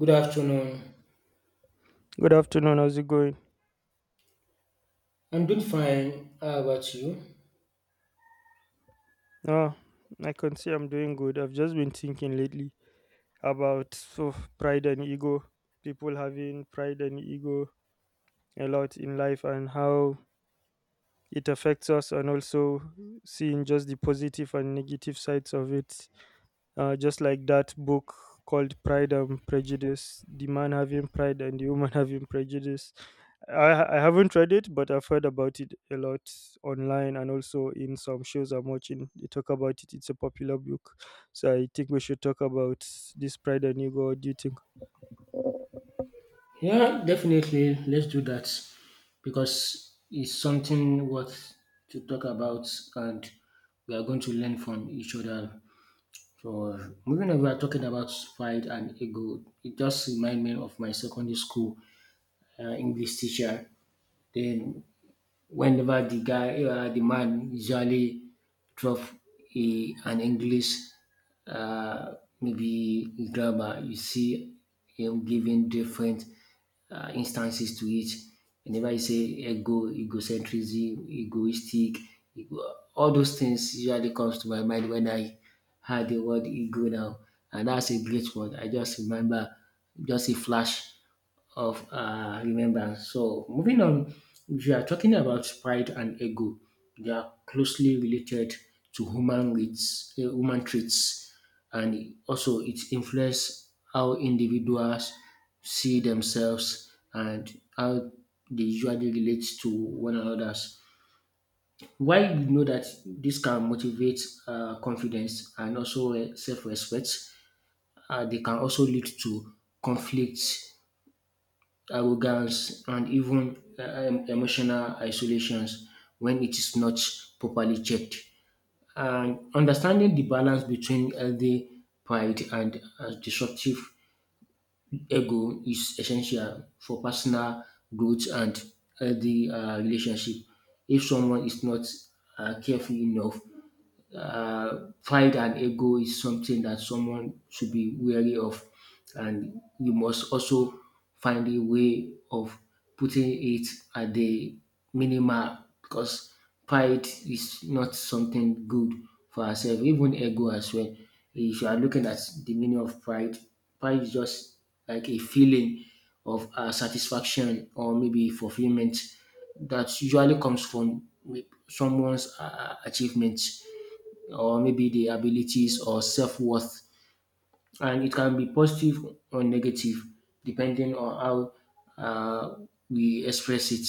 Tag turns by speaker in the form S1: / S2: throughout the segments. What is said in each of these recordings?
S1: Good afternoon.
S2: Good afternoon. How's it going?
S1: I'm doing fine. How about you?
S2: Oh, I can say I'm doing good. I've just been thinking lately about so pride and ego. People having pride and ego a lot in life and how it affects us, and also seeing just the positive and negative sides of it. Just like that book called Pride and Prejudice, the man having pride and the woman having prejudice. I haven't read it, but I've heard about it a lot online and also in some shows I'm watching. They talk about it. It's a popular book. So I think we should talk about this pride and ego. What do you think?
S1: Yeah, definitely. Let's do that because it's something worth to talk about, and we are going to learn from each other. So, moving on, we are talking about pride and ego. It just reminds me of my secondary school English teacher. Then whenever the guy, the man usually drop a, an English, uh, maybe grammar, you see him giving different instances to it. Whenever you say ego, egocentrism, egoistic, ego, all those things usually comes to my mind when I heard the word ego now, and that's a great word. I just remember, just a flash of remembrance. So, moving on, if you are talking about pride and ego, they are closely related to human rights, human traits, and also it influences how individuals see themselves and how they usually relate to one another. Why you know that this can motivate confidence and also self respect, they can also lead to conflicts arrogance, and even emotional isolations when it is not properly checked. And understanding the balance between healthy pride and disruptive ego is essential for personal growth and healthy relationship. If someone is not careful enough, pride and ego is something that someone should be wary of, and you must also find a way of putting it at the minimal because pride is not something good for ourselves, even ego as well. If you are looking at the meaning of pride, pride is just like a feeling of satisfaction or maybe fulfillment that usually comes from someone's achievement or maybe the abilities or self worth. And it can be positive or negative depending on how we express it.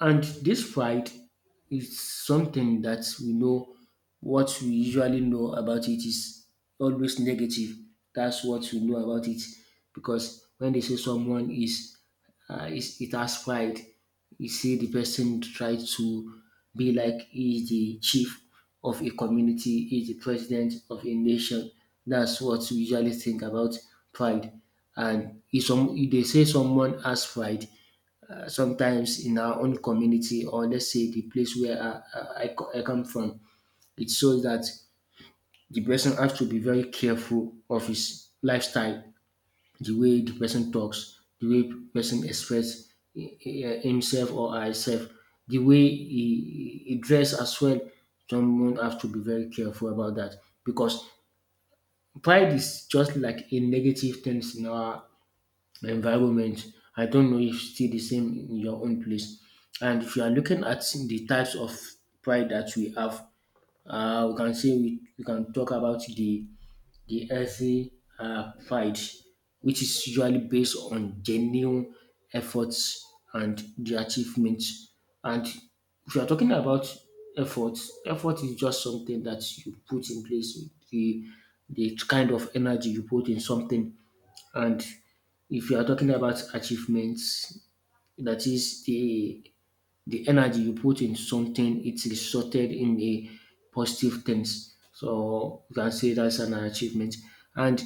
S1: And this pride is something that we know what we usually know about it is always negative. That's what we know about it because when they say someone is it has pride, you see the person try to be like he is the chief of a community, he is the president of a nation. That's what we usually think about pride. And if some if they say someone has pride, sometimes in our own community or let's say the place where I come from, it shows that the person has to be very careful of his lifestyle, the way the person talks, the way the person expresses himself or herself, the way he dress as well. Someone has to be very careful about that because pride is just like a negative thing in our the environment. I don't know if it's still the same in your own place. And if you are looking at the types of pride that we have, we can say we can talk about the earthy pride, which is usually based on genuine efforts and the achievements. And if you are talking about effort, effort is just something that you put in place, the the kind of energy you put in something and if you are talking about achievements, that is the energy you put in something, it's resulted in a positive things. So you can say that's an achievement. And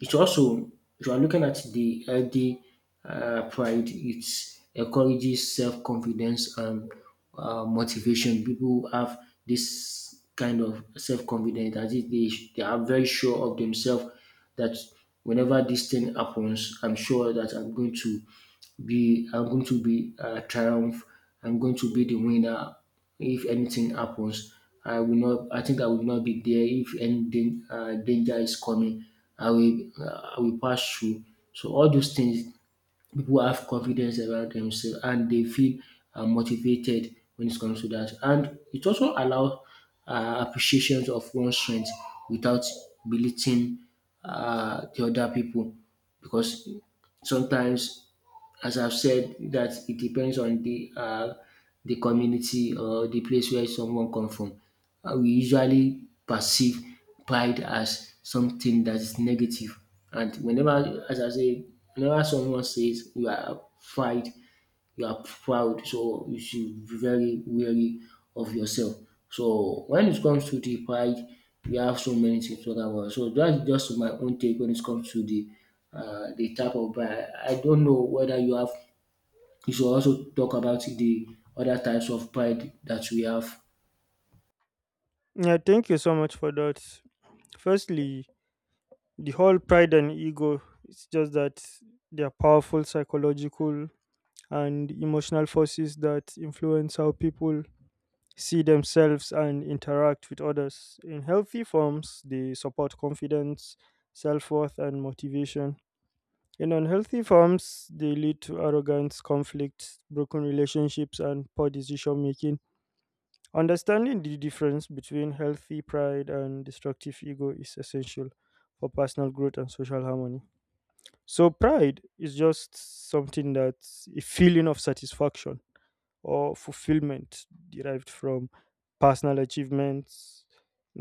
S1: it's also, if you are looking at the healthy pride, it encourages self confidence and motivation. People have this kind of self confidence, that is, they are very sure of themselves that whenever this thing happens, I'm sure that I'm going to be triumph. I'm going to be the winner. If anything happens, I will not. I think I will not be there. If any danger is coming, I will pass through. So all those things people have confidence about themselves and they feel motivated when it comes to that. And it also allows appreciation of one's strength without belittling the other people because sometimes as I've said, that it depends on the community or the place where someone come from. We usually perceive pride as something that is negative, and whenever, as I say, whenever someone says you are pride, you are proud. So you should be very wary of yourself. So when it comes to the pride, we have so many things to talk about. So that's just my own take when it comes to the type of pride. I don't know whether you have. You should also talk about the other types of pride that we have.
S2: Yeah, thank you so much for that. Firstly, the whole pride and ego, it's just that they are powerful psychological and emotional forces that influence how people see themselves and interact with others. In healthy forms, they support confidence, self-worth, and motivation. In unhealthy forms, they lead to arrogance, conflict, broken relationships, and poor decision making. Understanding the difference between healthy pride and destructive ego is essential for personal growth and social harmony. So pride is just something that's a feeling of satisfaction or fulfillment derived from personal achievements,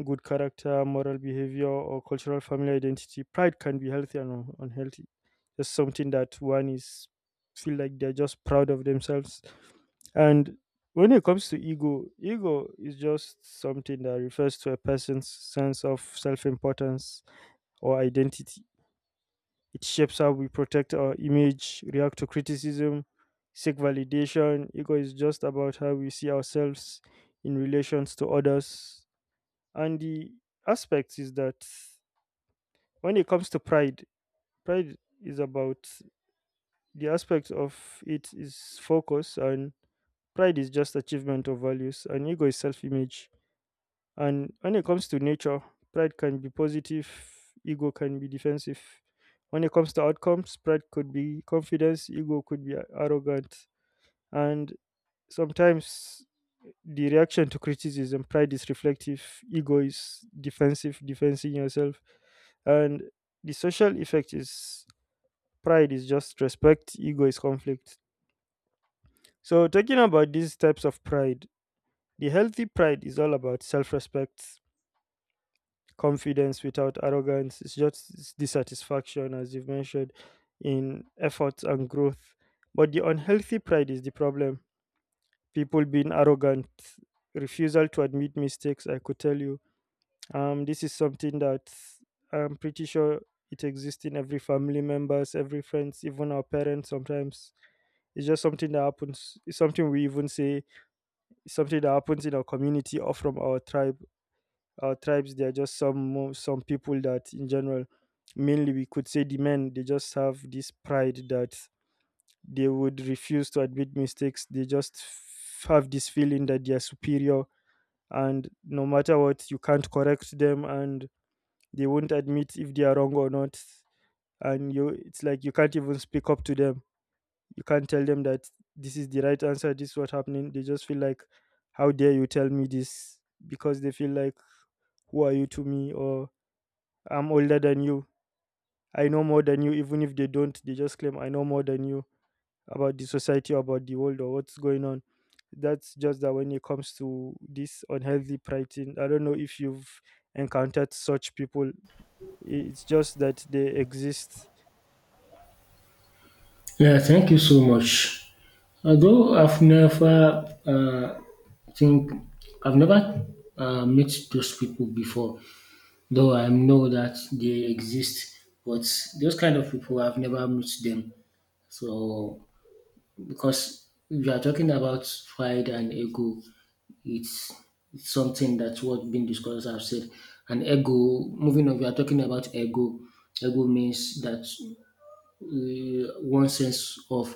S2: good character, moral behavior, or cultural family identity. Pride can be healthy and unhealthy. Just something that one is feel like they're just proud of themselves. And when it comes to ego, ego is just something that refers to a person's sense of self-importance or identity. It shapes how we protect our image, react to criticism, seek validation. Ego is just about how we see ourselves in relations to others. And the aspect is that when it comes to pride, pride is about, the aspect of it is focus, and pride is just achievement of values and ego is self-image. And when it comes to nature, pride can be positive, ego can be defensive. When it comes to outcomes, pride could be confidence, ego could be arrogant. And sometimes the reaction to criticism, pride is reflective, ego is defensive, defending yourself. And the social effect is pride is just respect, ego is conflict. So, talking about these types of pride, the healthy pride is all about self respect, confidence without arrogance. It's just dissatisfaction, as you've mentioned, in efforts and growth. But the unhealthy pride is the problem. People being arrogant, refusal to admit mistakes, I could tell you. This is something that I'm pretty sure it exists in every family members, every friends, even our parents sometimes. It's just something that happens. It's something we even say, it's something that happens in our community or from our tribe, our tribes. There are just some people that in general, mainly we could say the men, they just have this pride that they would refuse to admit mistakes. They just have this feeling that they are superior, and no matter what, you can't correct them, and they won't admit if they are wrong or not. And you, it's like you can't even speak up to them. You can't tell them that this is the right answer, this is what happening. They just feel like, how dare you tell me this, because they feel like, who are you to me, or I'm older than you. I know more than you, even if they don't, they just claim I know more than you about the society, about the world, or what's going on. That's just that when it comes to this unhealthy pricing, I don't know if you've encountered such people. It's just that they exist.
S1: Yeah, thank you so much. Although think I've never met those people before, though I know that they exist, but those kind of people I've never met them. So because if you are talking about pride and ego, it's, it's something that's what been discussed. I've said, and ego. Moving on, we are talking about ego. Ego means that one sense of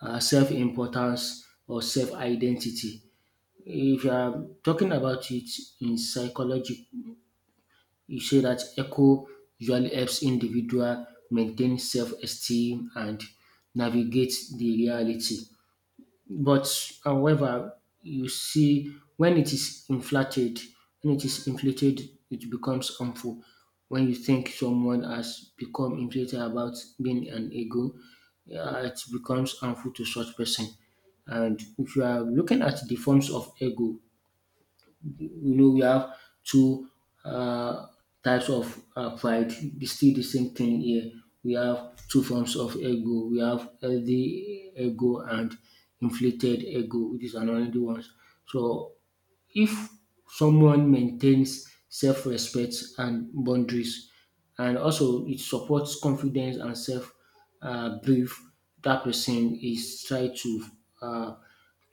S1: self-importance or self-identity. If you are talking about it in psychology, you say that echo usually helps individual maintain self-esteem and navigate the reality. But however, you see when it is inflated, it becomes harmful. When you think someone has become inflated about being an ego, yeah, it becomes harmful to such person. And if you are looking at the forms of ego, you know we have two uh, types of pride. It's still the same thing here. We have two forms of ego. We have healthy ego and inflated ego, which is another ones. So if someone maintains self-respect and boundaries and also it supports confidence and self belief, dat person is try to um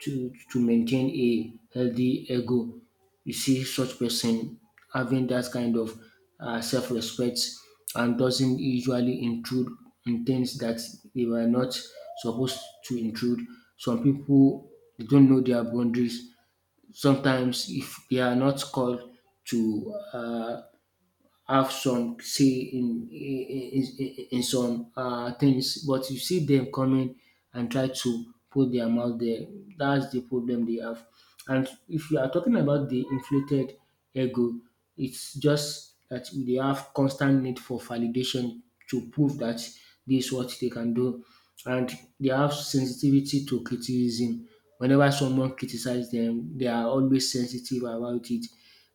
S1: maintain a healthy ego. You see such person having that kind of self-respect and doesn't usually intrude in things dat they were not supposed to intrude. Some people they don't know their boundaries sometimes if they are not called to have some say in some things but you see them coming and try to put their mouth there. That's the problem they have. And if you are talking about the inflated ego, it's just that they have constant need for validation to prove that this is what they can do. And they have sensitivity to criticism. Whenever someone criticizes them, they are always sensitive about it.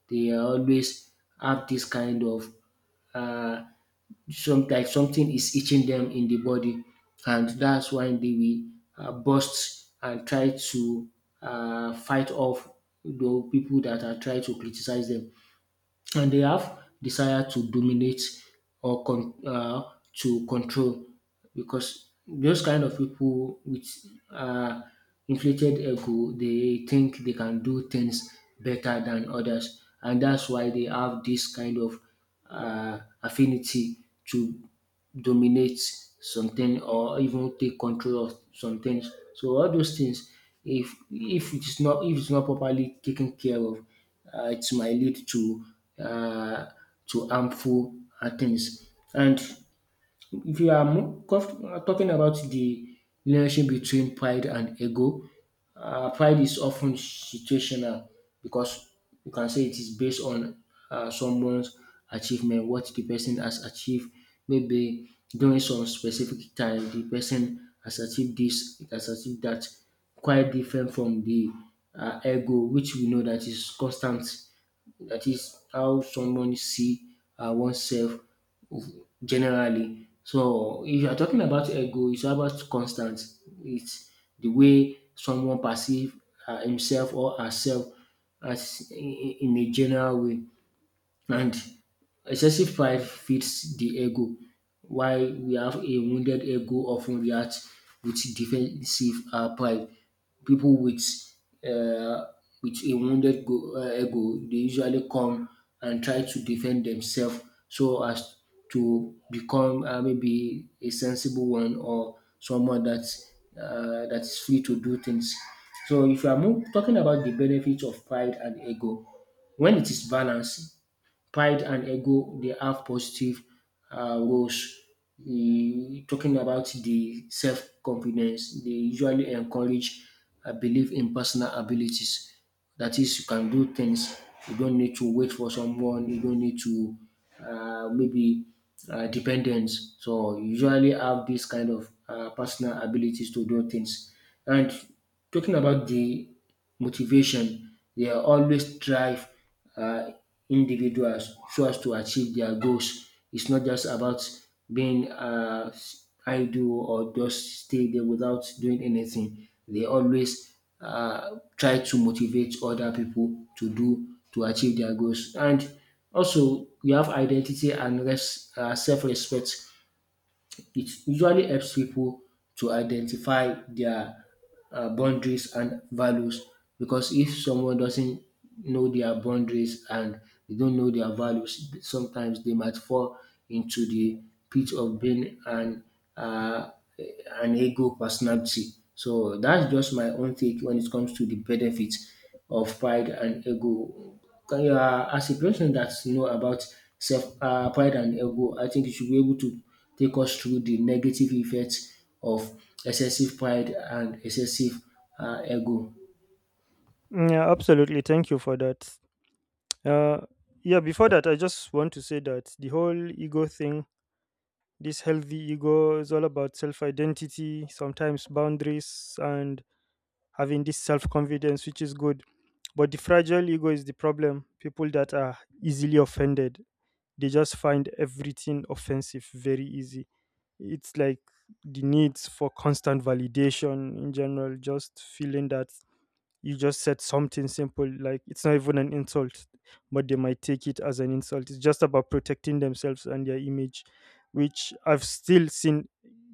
S1: They are always have this kind of uh, some like something is itching them in the body, and that's why they will burst and try to fight off the people that are trying to criticize them and they have desire to dominate or to control because those kind of people with uh, inflated ego they think they can do things better than others and that's why they have this kind of affinity to dominate something or even take control of some things. So all those things, if it's not properly taken care of, it might lead uh, to harmful things. And if you are more talking about the relationship between pride and ego, pride is often situational because you can say it is based on someone's achievement, what the person has achieved. Maybe during some specific time, the person has achieved this, it has achieved that, quite different from the ego, which we know that is constant. That is how someone see oneself generally. So if you are talking about ego, it's about constant. It's the way someone perceive himself or herself as in a general way. And excessive pride feeds the ego, while we have a wounded ego often reacts with defensive pride. People uh, with a ego, they usually come and try to defend themselves so as to become maybe a sensible one or someone that's that is free to do things. So if you are talking about the benefits of pride and ego, when it is balanced, pride and ego they have positive roles. Mm, talking about the self confidence, they usually encourage a belief in personal abilities. That is, you can do things. You don't need to wait for someone. You don't need to maybe dependence. So you usually have this kind of personal abilities to do things. And talking about the motivation, they always strive uh, individuals so as to achieve their goals. It's not just about being idle or just stay there without doing anything. They always try to motivate other people to achieve their goals. And also, you have identity and self-respect. It usually helps people to identify their boundaries and values because if someone doesn't know their boundaries and they don't know their values, sometimes they might fall into the pit of being uh, an ego personality. So that's just my own take when it comes to the benefits of pride and ego. Can you, as a person that know about self pride and ego, I think you should be able to take us through the negative effects of excessive pride and excessive ego.
S2: Mm, yeah, absolutely. Thank you for that. Uh, yeah, before that, I just want to say that the whole ego thing, this healthy ego, is all about self identity, sometimes boundaries, and having this self confidence, which is good. But the fragile ego is the problem. People that are easily offended, they just find everything offensive very easy. It's like the needs for constant validation in general, just feeling that you just said something simple, like it's not even an insult, but they might take it as an insult. It's just about protecting themselves and their image, which I've still seen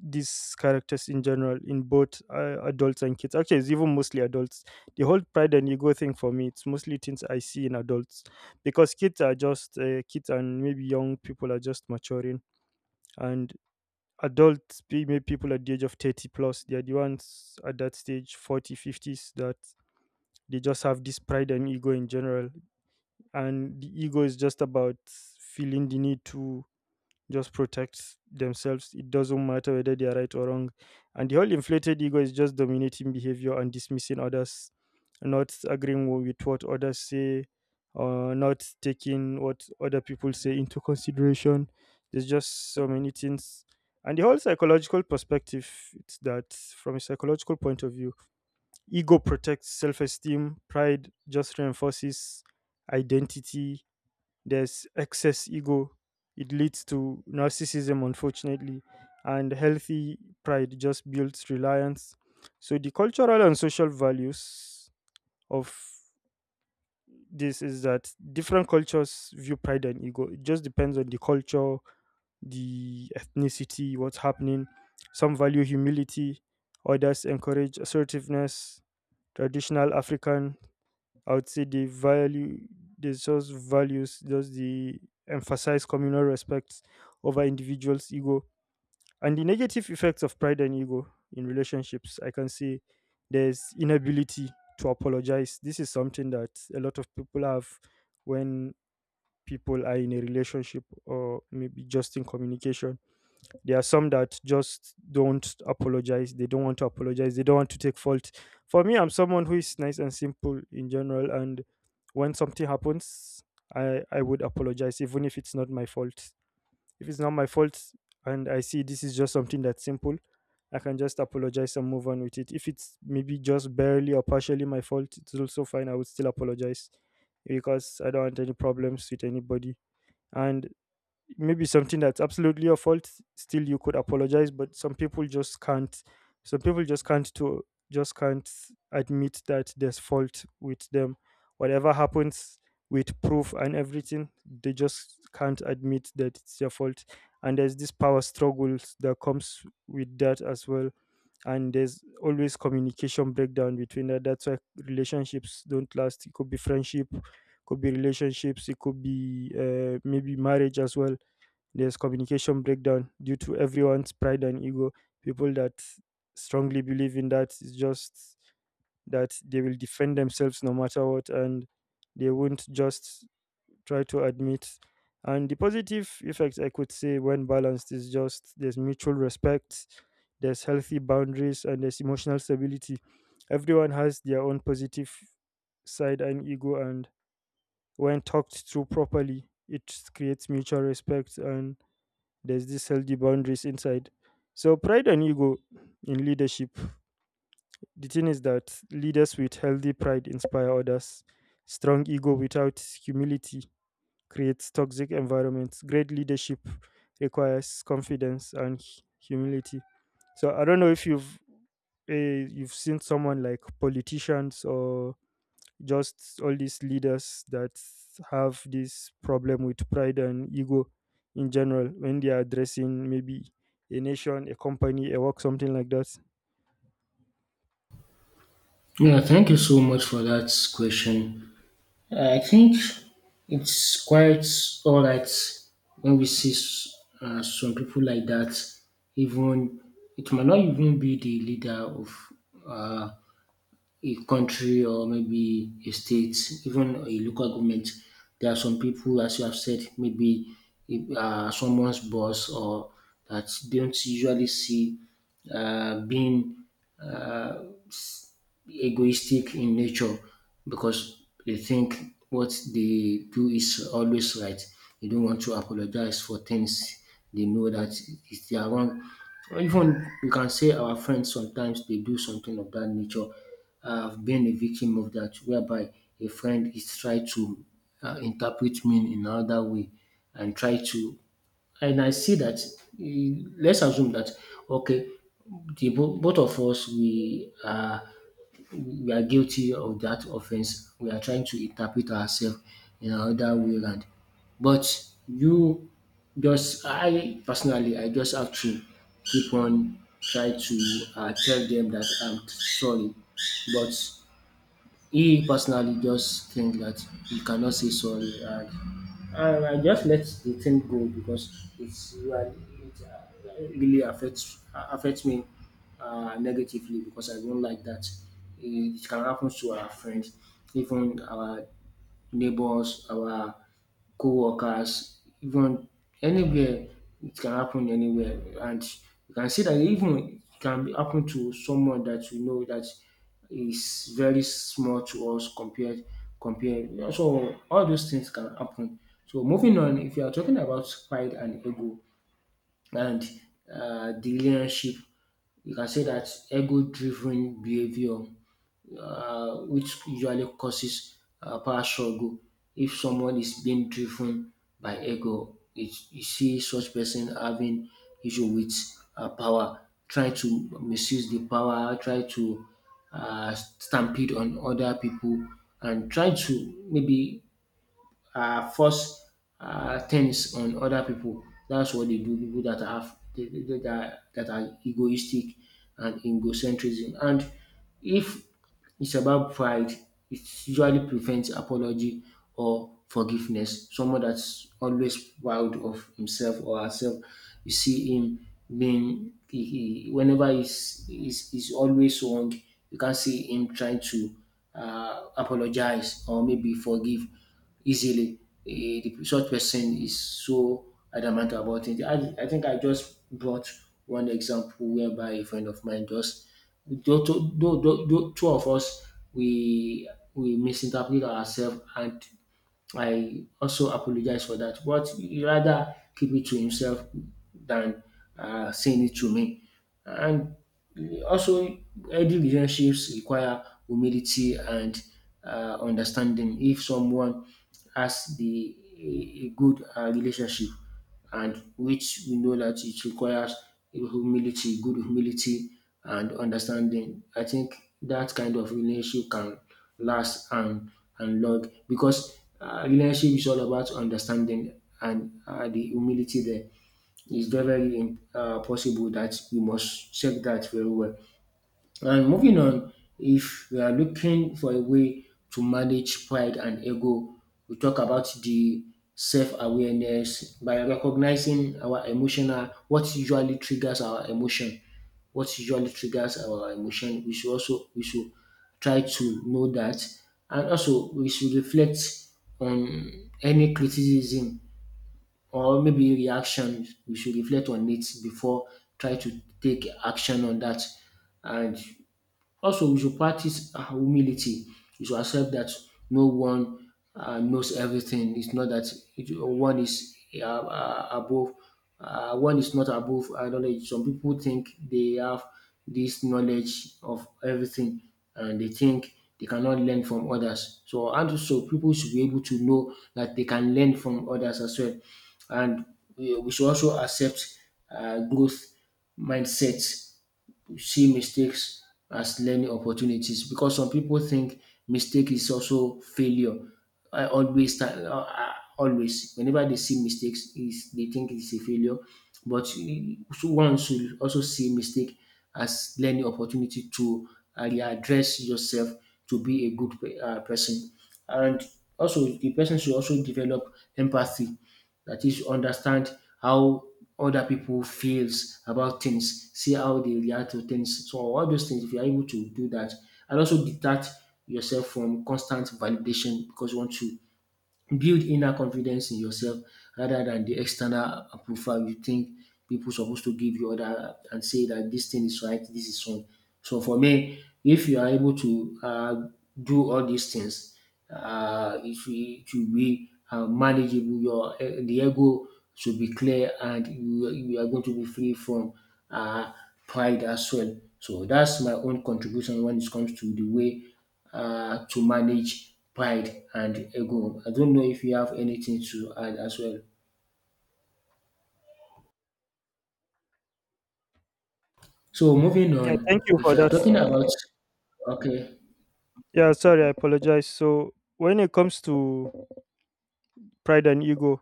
S2: these characters in general in both adults and kids. Actually, it's even mostly adults. The whole pride and ego thing for me, it's mostly things I see in adults, because kids are just kids, and maybe young people are just maturing. And maybe people at the age of 30 plus, they are the ones at that stage, 40, fifties, that they just have this pride and ego in general. And the ego is just about feeling the need to just protect themselves. It doesn't matter whether they are right or wrong. And the whole inflated ego is just dominating behavior and dismissing others, not agreeing with what others say, or not taking what other people say into consideration. There's just so many things. And the whole psychological perspective, it's that from a psychological point of view, ego protects self esteem, pride just reinforces identity. There's excess ego, it leads to narcissism, unfortunately, and healthy pride just builds reliance. So, the cultural and social values of this is that different cultures view pride and ego. It just depends on the culture, the ethnicity, what's happening. Some value humility, others encourage assertiveness. Traditional African, I would say the value, the source values, just the emphasize communal respect over individuals' ego. And the negative effects of pride and ego in relationships, I can see there's inability to apologize. This is something that a lot of people have. When people are in a relationship, or maybe just in communication, there are some that just don't apologize. They don't want to apologize. They don't want to take fault. For me, I'm someone who is nice and simple in general. And when something happens, I would apologize, even if it's not my fault. If it's not my fault and I see this is just something that's simple, I can just apologize and move on with it. If it's maybe just barely or partially my fault, it's also fine. I would still apologize because I don't want any problems with anybody. And maybe something that's absolutely your fault, still you could apologize, but some people just can't. Some people just can't admit that there's fault with them. Whatever happens, with proof and everything, they just can't admit that it's their fault. And there's this power struggles that comes with that as well. And there's always communication breakdown between that. That's why relationships don't last. It could be friendship, could be relationships, it could be maybe marriage as well. There's communication breakdown due to everyone's pride and ego. People that strongly believe in that is just that they will defend themselves no matter what, and they won't just try to admit. And the positive effects, I could say, when balanced, is just there's mutual respect, there's healthy boundaries, and there's emotional stability. Everyone has their own positive side and ego, and when talked through properly, it creates mutual respect and there's this healthy boundaries inside. So pride and ego in leadership. The thing is that leaders with healthy pride inspire others. Strong ego without humility creates toxic environments. Great leadership requires confidence and humility. So I don't know if you've you've seen someone like politicians or just all these leaders that have this problem with pride and ego in general, when they are addressing maybe a nation, a company, a work, something like that.
S1: Yeah, thank you so much for that question. I think it's quite all right when we see some people like that. Even it might not even be the leader of uh, a country or maybe a state, even a local government, there are some people, as you have said, maybe someone's boss or that don't usually see being egoistic in nature because they think what they do is always right. They don't want to apologize for things they know that is their wrong. Or even you can say our friends sometimes they do something of that nature. I've been a victim of that, whereby a friend is try to interpret me in another way and try to. And I see that let's assume that okay, the both of us we are guilty of that offense. We are trying to interpret ourselves in another way round. But you just I personally I just have to keep on try to tell them that I'm sorry. But he personally just think that he cannot say sorry, and I just let the thing go because it's really it really affects me negatively because I don't like that. It can happen to our friends, even our neighbors, our co-workers, even anywhere. It can happen anywhere, and you can see that even it can be happen to someone that you know that is very small to us compared. So all those things can happen. So moving on, if you are talking about pride and ego and the relationship, you can say that ego-driven behavior which usually causes power struggle. If someone is being driven by ego it, you see such person having issue with power, trying to misuse the power, try to stampede on other people and try to maybe force things on other people. That's what they do. People that have that are egoistic and egocentrism. And if it's about pride, it usually prevents apology or forgiveness. Someone that's always proud of himself or herself, you see him being he whenever he's always wrong, you can't see him trying to apologize or maybe forgive easily. The such person is so adamant about it. I think I just brought one example whereby a friend of mine just though two of us we we misinterpret ourselves and I also apologize for that, but he rather keep it to himself than saying it to me. And also, healthy relationships require humility and understanding. If someone has the a good relationship, and which we know that it requires humility, good humility and understanding. I think that kind of relationship can last and long because relationship is all about understanding and the humility there. It's very, very possible that we must check that very well. And moving on, if we are looking for a way to manage pride and ego, we talk about the self awareness by recognizing our emotional, what usually triggers our emotion. What usually triggers our emotion, we should try to know that, and also we should reflect on any criticism or maybe reaction. We should reflect on it before try to take action on that. And also, we should practice humility. We should accept that no one knows everything. It's not that one is above, one is not above knowledge. Some people think they have this knowledge of everything and they think they cannot learn from others. So, and so people should be able to know that they can learn from others as well. And we should also accept growth mindset, see mistakes as learning opportunities because some people think mistake is also failure. I always, ti- uh, uh, Always, whenever they see mistakes, is they think it's a failure. So one should also see mistake as learning opportunity to readdress yourself to be a good person, and also the person should also develop empathy, that is, understand how other people feels about things, see how they react to things. So all those things, if you are able to do that, and also detach yourself from constant validation because you want to build inner confidence in yourself rather than the external approval you think people supposed to give you other and say that this thing is right, this is wrong. So for me, if you are able to do all these things, it will be manageable. The ego should be clear, and you are going to be free from uh, pride as well. So that's my own contribution when it comes to the way to manage pride and ego. I don't know if you have anything to add as well. So moving
S2: Yeah,
S1: on,
S2: thank you
S1: if
S2: for
S1: you are
S2: that.
S1: talking about okay,
S2: Yeah, sorry, I apologize. So, when it comes to pride and ego,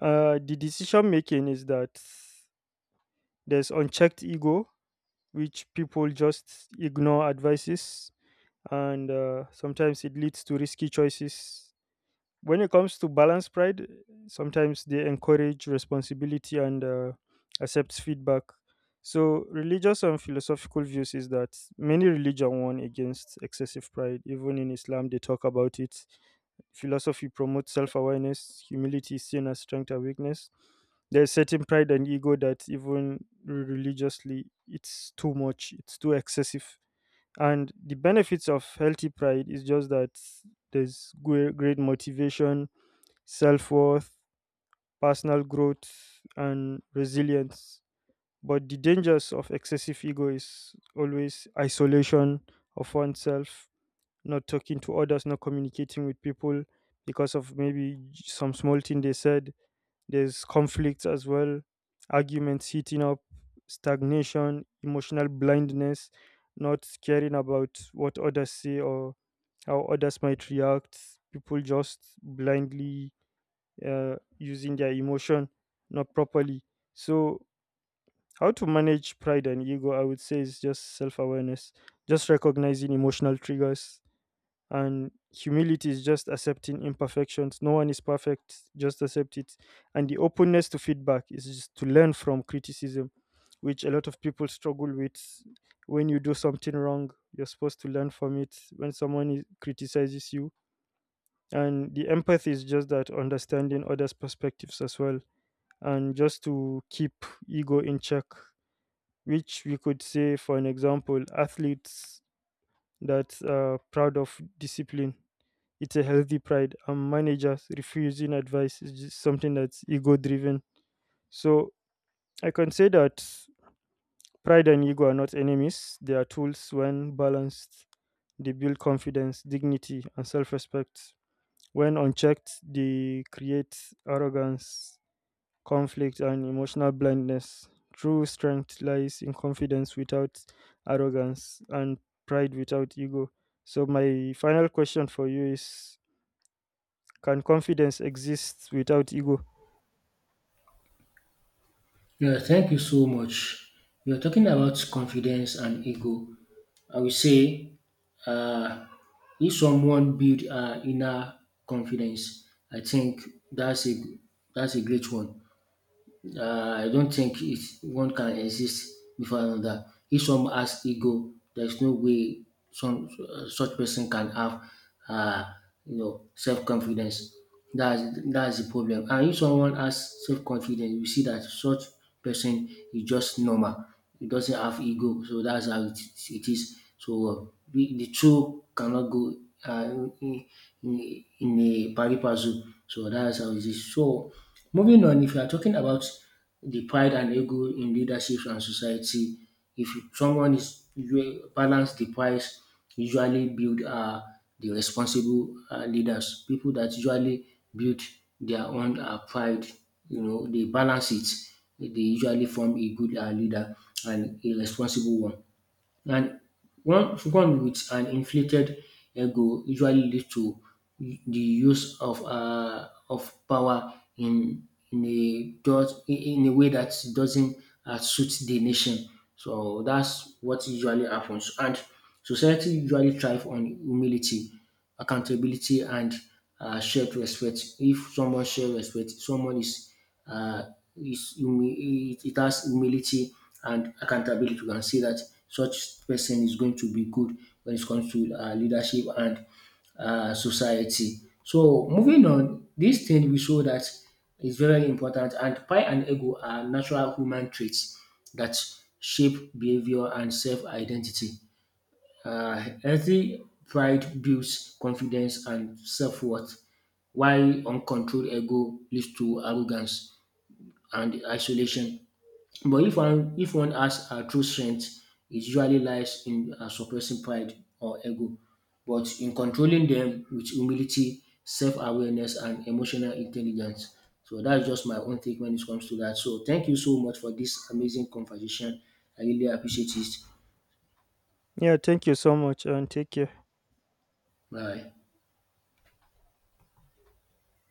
S2: the decision making is that there's unchecked ego, which people just ignore advices, and sometimes it leads to risky choices. When it comes to balance pride, sometimes they encourage responsibility and accepts feedback. So religious and philosophical views is that many religion warn against excessive pride, even in Islam they talk about it. Philosophy promotes self-awareness. Humility is seen as strength and weakness. There's certain pride and ego that, even religiously, it's too much, it's too excessive. And the benefits of healthy pride is just that there's great motivation, self worth, personal growth, and resilience. But the dangers of excessive ego is always isolation of oneself, not talking to others, not communicating with people because of maybe some small thing they said. There's conflicts as well, arguments heating up, stagnation, emotional blindness, not caring about what others say or how others might react. People just blindly using their emotion not properly. So, how to manage pride and ego, I would say, is just self awareness, just recognizing emotional triggers. And humility is just accepting imperfections. No one is perfect, just accept it. And the openness to feedback is just to learn from criticism, which a lot of people struggle with. When you do something wrong, you're supposed to learn from it. When someone is, criticizes you, and the empathy is just that understanding others' perspectives as well, and just to keep ego in check, which we could say, for an example, athletes that are proud of discipline. It's a healthy pride, and managers refusing advice is just something that's ego driven. So I can say that pride and ego are not enemies, they are tools when balanced. They build confidence, dignity, and self respect. When unchecked, they create arrogance, conflict, and emotional blindness. True strength lies in confidence without arrogance and pride without ego. So, my final question for you is, can confidence exist without ego?
S1: yeah, thank you so much. We are talking about confidence and ego. I will say, uh, if someone build inner confidence, I think that's a that's a great one. I don't think one can exist before another. If some has ego, there's no way some such person can have, uh, you know, self confidence. That's the problem. And if someone has self confidence, you see that such person is just normal. He doesn't have ego, so that's how it is. So the two cannot go uh, in, in a pari passu. So that's how it is. So moving on, if you are talking about the pride and ego in leadership and society, if someone is you balance the pride, usually build the responsible leaders, people that usually build their own pride, you know, they balance it. They usually form a good leader and a responsible one. And one with an inflated ego usually leads to the use of power in a way that doesn't suit the nation. So that's what usually happens. And society usually thrive on humility, accountability, and shared respect. If someone shares respect, someone is uh, it has humility and accountability. You can see that such person is going to be good when it comes to leadership and society. So moving on, this thing we show that is very important, and pride and ego are natural human traits that shape behavior and self-identity. Healthy pride builds confidence and self-worth, while uncontrolled ego leads to arrogance and isolation. But if one has a true strength, it usually lies in suppressing pride or ego, but in controlling them with humility, self-awareness, and emotional intelligence. So that's just my own take when it comes to that. So thank you so much for this amazing conversation. I really appreciate it.
S2: Yeah, thank you so much and take care.
S1: Bye.